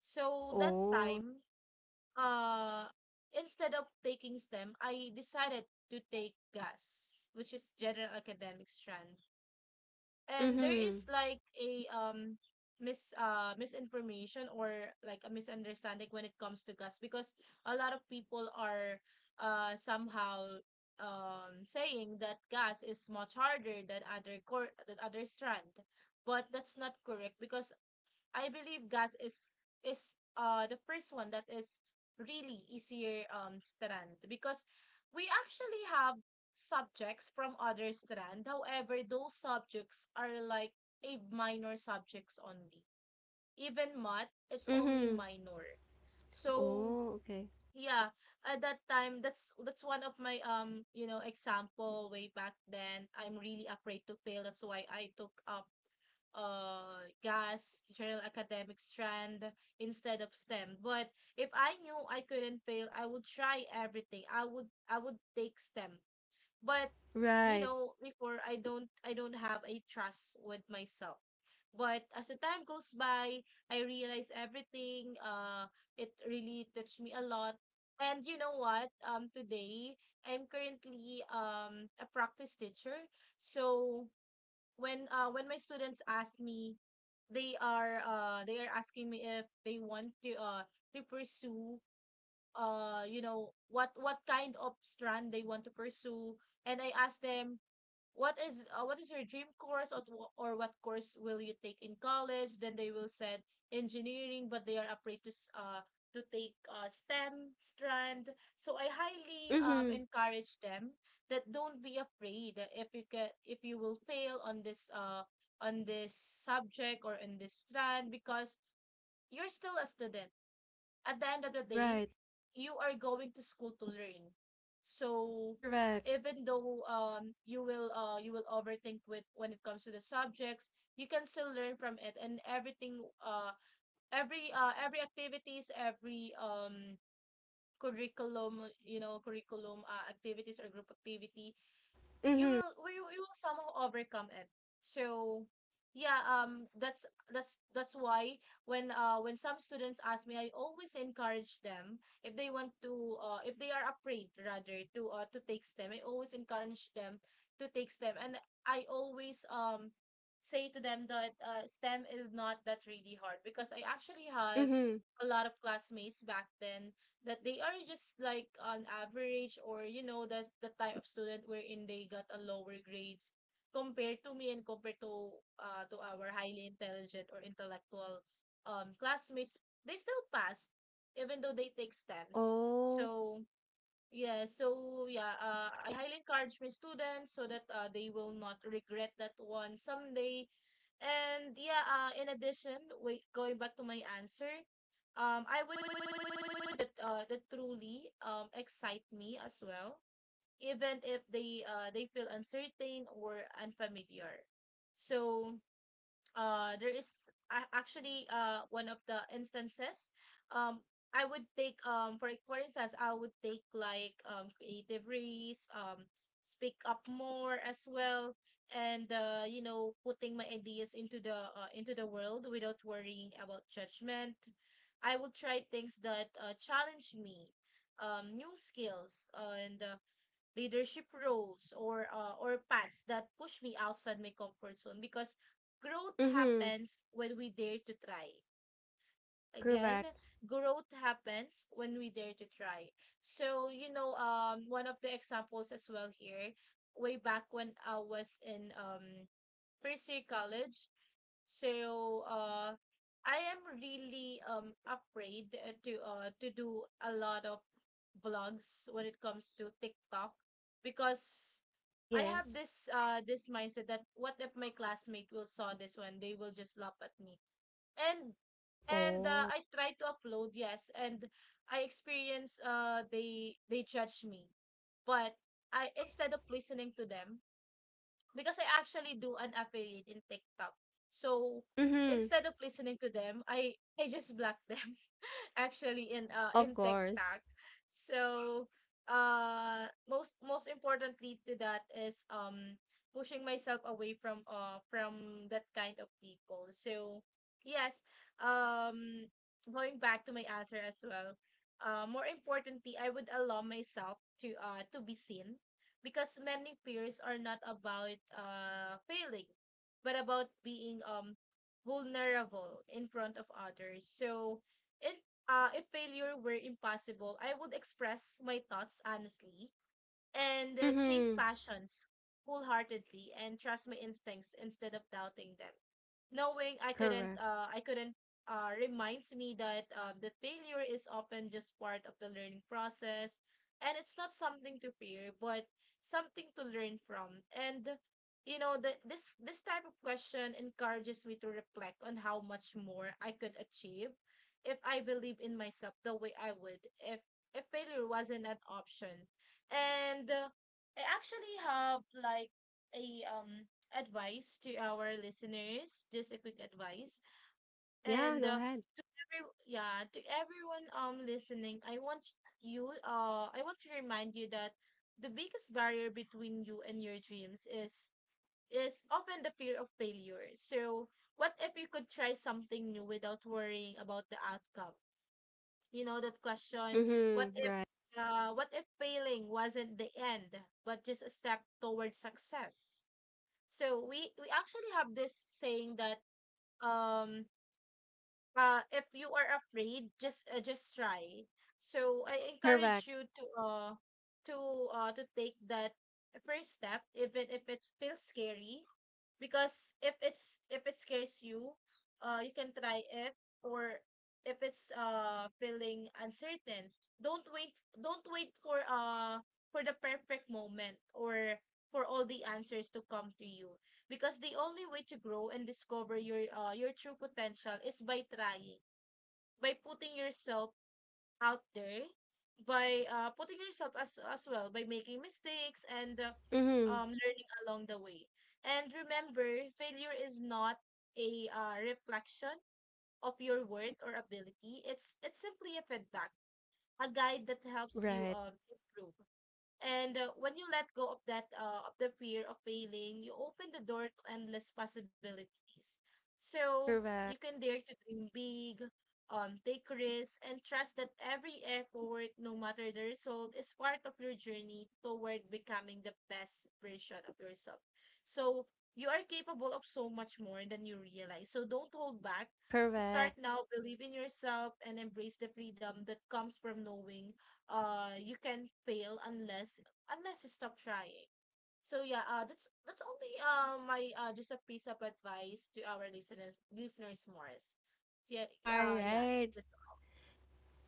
S2: So that
S1: Oh.
S2: time, uh instead of taking STEM, I decided to take GAS, which is general academic strand. And there
S1: Mm-hmm.
S2: is like a misinformation or like a misunderstanding when it comes to GAS, because a lot of people are somehow saying that GAS is much harder than other core, than other strand. But that's not correct, because I believe GAS is the first one that is really easier strand, because we actually have subjects from other strand. However, those subjects are like a minor subjects only. Even math, it's only
S1: Mm-hmm.
S2: minor. So
S1: Oh, okay.
S2: yeah, at that time, that's one of my you know, example way back then. I'm really afraid to fail, that's why I took up GAS, general academic strand, instead of STEM. But if I knew I couldn't fail, I would try everything. I would take STEM. But you
S1: Right.
S2: know, before, I don't have a trust with myself. But as the time goes by, I realize everything. It really touched me a lot. And you know what, today I'm currently a practice teacher. So when my students ask me, they are asking me if they want to pursue you know, what kind of strand they want to pursue. And I asked them, what is your dream course, or what course will you take in college? Then they will said engineering, but they are afraid to take STEM strand. So I highly
S1: Mm-hmm.
S2: encourage them that don't be afraid if you can, if you will fail on this on this subject or in this strand, because you're still a student. At the end of the day,
S1: Right.
S2: you are going to school to learn. So
S1: Correct.
S2: even though you will overthink with when it comes to the subjects, you can still learn from it and everything uh every activities, every curriculum, curriculum activities or group activity you
S1: Mm-hmm.
S2: will you will somehow overcome it. So yeah, that's that's why when when some students ask me, I always encourage them. If they want to if they are afraid rather to take stem, I always encourage them to take stem. And I always say to them that stem is not that really hard, because I actually have
S1: Mm-hmm.
S2: a lot of classmates back then that they are just like on average, or you know, that's the type of student wherein they got a lower grades compared to me and compared to our highly intelligent or intellectual classmates. They still passed even though they take stems.
S1: Oh.
S2: So yeah, I highly encourage my students so that they will not regret that one someday. And yeah, in addition, wait, going back to my answer, I would that that truly excite me as well, even if they they feel uncertain or unfamiliar. So there actually one of the instances um I would take for instance I would take like creative risk, speak up more as well, and you know, putting my ideas into the world without worrying about judgment. I will try things that challenge me, new skills, and leadership roles or paths that push me outside my comfort zone, because growth
S1: Mm-hmm.
S2: happens when we dare to try. Again,
S1: Correct.
S2: growth happens when we dare to try. So you know, one of the examples as well here, way back when I was in first year college. So I am really afraid to do a lot of vlogs when it comes to TikTok, because I have
S1: Yes.
S2: this this mindset that what if my classmate will saw this one, they will just laugh at me. And and
S1: Oh.
S2: I try to upload, yes, and I experience they judge me. But I, instead of listening to them, because I actually do an affiliate in TikTok. So
S1: Mm-hmm.
S2: instead of listening to them, I just block them. Actually
S1: Of
S2: in
S1: course.
S2: TikTok. So most importantly to that is pushing myself away from that kind of people. So yes, um going back to my answer as well. More importantly, I would allow myself to be seen, because many fears are not about failing, but about being vulnerable in front of others. So in if failure were impossible, I would express my thoughts honestly and, chase
S1: Mm-hmm.
S2: passions wholeheartedly, and trust my instincts instead of doubting them, knowing
S1: Correct.
S2: I couldn't reminds me that that failure is often just part of the learning process, and it's not something to fear, but something to learn from. And you know this this type of question encourages me to reflect on how much more I could achieve if I believe in myself the way I would, if failure wasn't an option. And I actually have like a advice to our listeners, just a quick advice.
S1: Yeah,
S2: And
S1: go ahead.
S2: yeah, to everyone listening, I want you I want to remind you that the biggest barrier between you and your dreams is often the fear of failure. So, what if you could try something new without worrying about the outcome? You know that question, what
S1: Mm-hmm.
S2: if,
S1: Right.
S2: what if failing wasn't the end, but just a step towards success? So we actually have this saying that um if you are afraid, just try. So I encourage
S1: Correct.
S2: you to to to take that first step, even if it feels scary, because if it scares you, you can try it. Or if it's feeling uncertain, don't wait. Don't wait for the perfect moment, or for all the answers to come to you, because the only way to grow and discover your true potential is by trying, by putting yourself out there, by putting yourself as well, by making mistakes, and
S1: Mm-hmm.
S2: learning along the way. And remember, failure is not a reflection of your worth or ability. It's simply a feedback, a guide that helps you
S1: Right.
S2: improve. And when you let go of that, of the fear of failing, you open the door to endless possibilities. So you can
S1: Correct.
S2: dare to dream big, take risks, and trust that every effort, no matter the result, is part of your journey toward becoming the best version of yourself. So you are capable of so much more than you realize. So don't hold back. Start
S1: Correct.
S2: now, believe in yourself, and embrace the freedom that comes from knowing you can fail unless unless you stop trying. So yeah, that's only my just a piece of advice to our listeners, listeners Morris. Yeah,
S1: All
S2: yeah.
S1: right.
S2: That's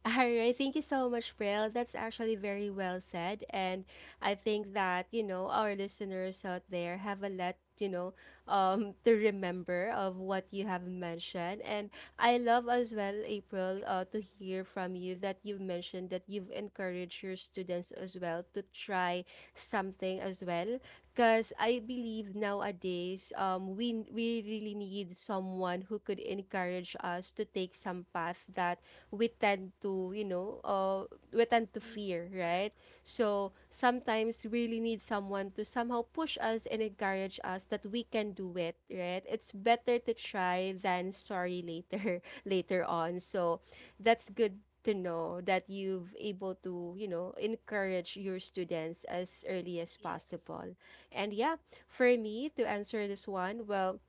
S1: All right. Thank you so much, Bill. That's actually very well said. And I think that, you know, our listeners out there have a lot, you know, to remember of what you have mentioned. And I love as well, April, to hear from you that you mentioned that you've encouraged your students as well to try something as well because I believe nowadays we really need someone who could encourage us to take some path that we tend to we tend to
S2: ye-
S1: fear,
S2: correct.
S1: right? So sometimes we really need someone to somehow push us and encourage us that we can do it, right? It's better to try than sorry later later on. So that's good to know that you've able to, you know, encourage your students as early as
S2: Yes.
S1: possible. And yeah, for me to answer this one, well,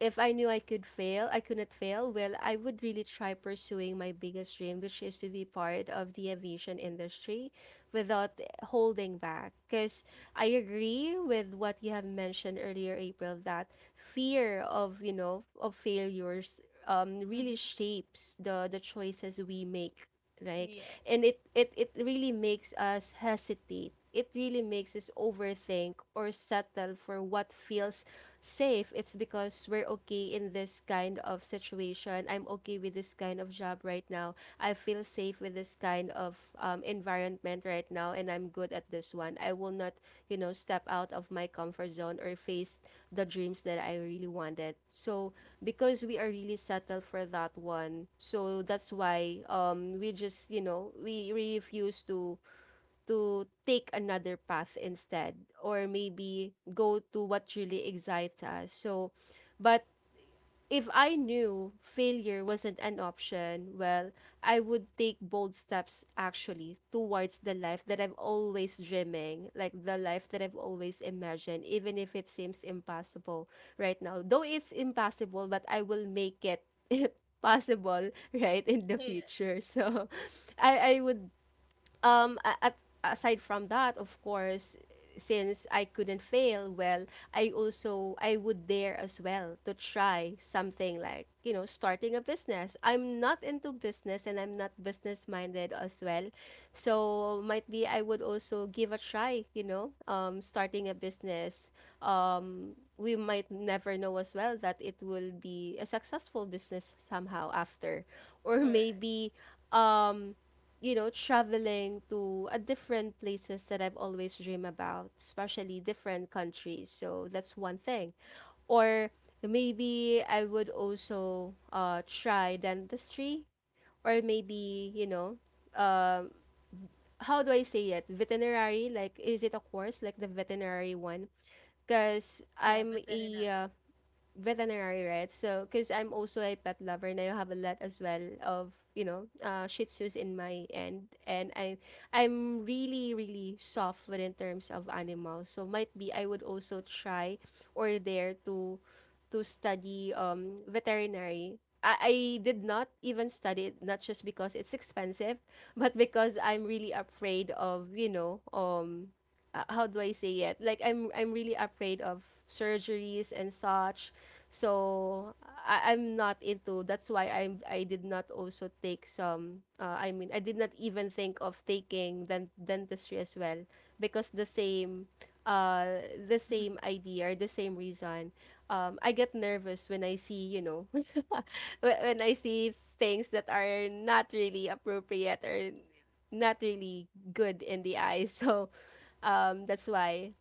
S1: if I knew I could fail, I couldn't fail, well, I would really try pursuing my biggest dream, which is to be part of the aviation industry without holding back. Because I agree with what you have mentioned earlier, April, that fear of, you know, of failures, really
S2: Hmm.
S1: shapes the choices we make, like. And
S2: Yes.
S1: it really makes us hesitate, it really makes us overthink or settle for what feels safe. It's because we're okay in this kind of situation, I'm okay with this kind of job right now, I feel safe with this kind of, environment right now, and I'm good at this one. I will not, you know, step out of my comfort zone or face the dreams that I really wanted. So because we are really settled for that one, so that's why we just, you know, we refuse to take another path instead, or maybe go to what really excites us. So but if I knew failure wasn't an option, well, I would take bold steps actually towards the life that I've always dreaming, like the life that I've always imagined, even if it seems impossible right now. Though it's impossible, but I will make it possible right in the
S2: Yes,
S1: future. So I would, a- at aside from that, of course, since I couldn't fail, well, I would dare as well to try something like, you know, starting a business. I'm not into business and I'm not business minded as well, so might be I would also give a try, you know, starting a business. Um, we might never know as well that it will be a successful business somehow after. Or
S2: correct.
S1: maybe, um you know, traveling to a different places that I've always dreamed about, especially different countries. So that's one thing. Or maybe I would also try dentistry, or maybe, you know, um, how do I say it? Veterinary, like is it a course like the veterinary one? Because
S2: Yeah,
S1: I'm a
S2: veterinary.
S1: veterinary, right? So because I'm also a pet lover and I have a lot as well of, you know, Shih Tzus in my end. And I'm really, really soft within terms of animals. So might be I would also try or dare to study, veterinary. I did not even study it, not just because it's expensive, but because I'm really afraid of, you know, how do I say it? Like I'm really afraid of surgeries and such. So I'm not into, that's why I did not also take some, I mean, I did not even think of taking dentistry as well, because the same, uh the
S2: Mm-hmm.
S1: same idea or the same reason. Um, I get nervous when I see, you know, when I see things that are not really appropriate or not really good in the eyes. So um, that's why,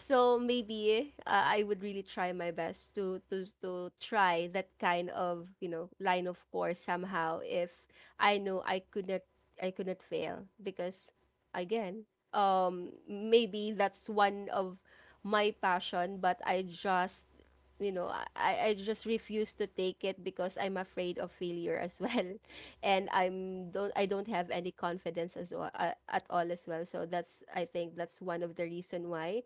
S1: so maybe, I would really try my best to try that kind of, you know, line of course somehow, if I know I could not I could not fail, because again, um, maybe that's one of my passion, but I just, you know,
S2: Yes.
S1: I just refuse to take it because I'm afraid of failure as well. And I don't have any confidence as well, at all as well, so that's, I think that's one of the reason why.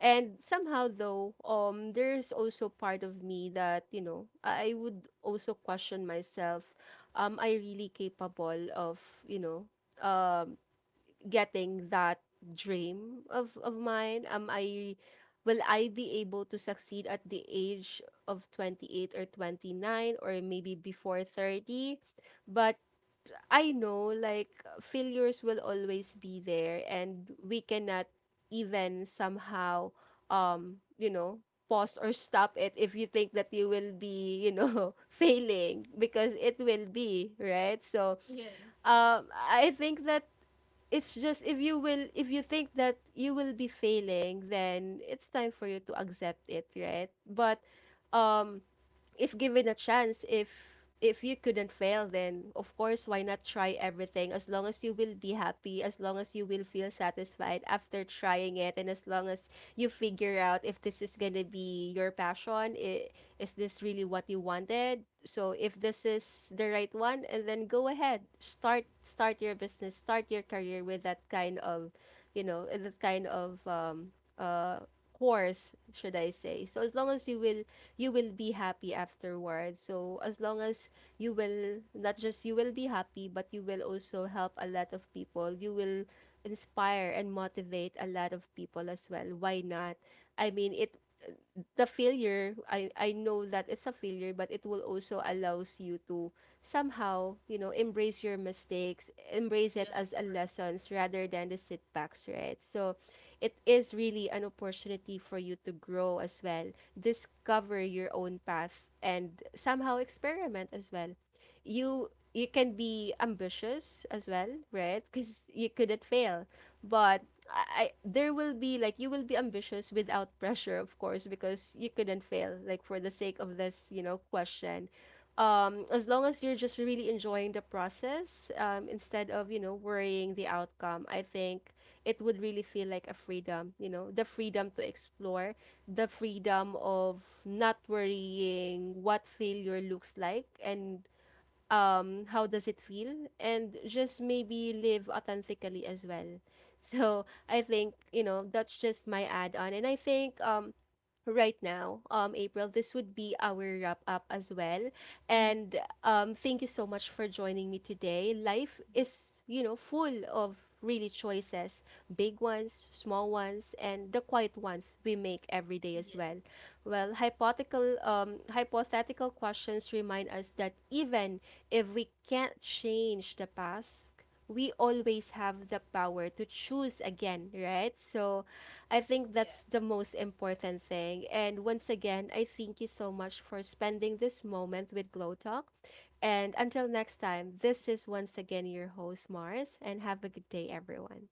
S1: And somehow though, there's also part of me that, you know, I would also question myself, I really capable of, you know, um, getting that dream of mine? Am I, will I be able to succeed at the age of 28 or 29 or maybe before 30? But I know, like, failures will always be there and we cannot even somehow, you know, pause or stop it if you think that you will be, you know, failing, because it will be, right? So
S2: Yes.
S1: um, I think that it's just if you will, if you think that you will be failing, then it's time for you to accept it, right? But um, if given a chance, if you couldn't fail, then of course why not try everything? As long as you will be happy, as long as you will feel satisfied after trying it, and as long as you figure out if this is gonna be your passion, is this really what you wanted? So if this is the right one, and then go ahead, start your business, start your career with that kind of, you know, that kind of, course, should I say. So as long as you will be happy afterwards. So as long as you will not just you will be happy, but you will also help a lot of people. You will inspire and motivate a lot of people as well. Why not? I mean, it, the failure, I know that it's a failure, but it will also allows you to somehow, you know, embrace your mistakes, embrace it as
S2: Yes,
S1: a
S2: correct.
S1: lessons rather than the setbacks, right? So it is really an opportunity for you to grow as well, discover your own path, and somehow experiment as well. You can be ambitious as well, right? Because you couldn't fail, but I there will be like, you will be ambitious without pressure, of course, because you couldn't fail. Like for the sake of this, you know, question, as long as you're just really enjoying the process, instead of, you know, worrying the outcome, I think it would really feel like a freedom, you know, the freedom to explore, the freedom of not worrying what failure looks like and how does it feel, and just maybe live authentically as well. So I think, you know, that's just my add on. And I think right now, April, this would be our wrap up as well.
S2: Mm-hmm.
S1: And thank you so much for joining me today. Life is, you know, full of really choices, big ones, small ones, and the quiet ones we make every day as
S2: Yes.
S1: well. Well, hypothetical, hypothetical questions remind us that even if we can't change the past, we always have the power to choose again, right? So I think
S2: Yes.
S1: that's the most important thing. And once again, I thank you so much for spending this moment with Glow Talk. And until next time, this is once again your host, Mars, and have a good day, everyone.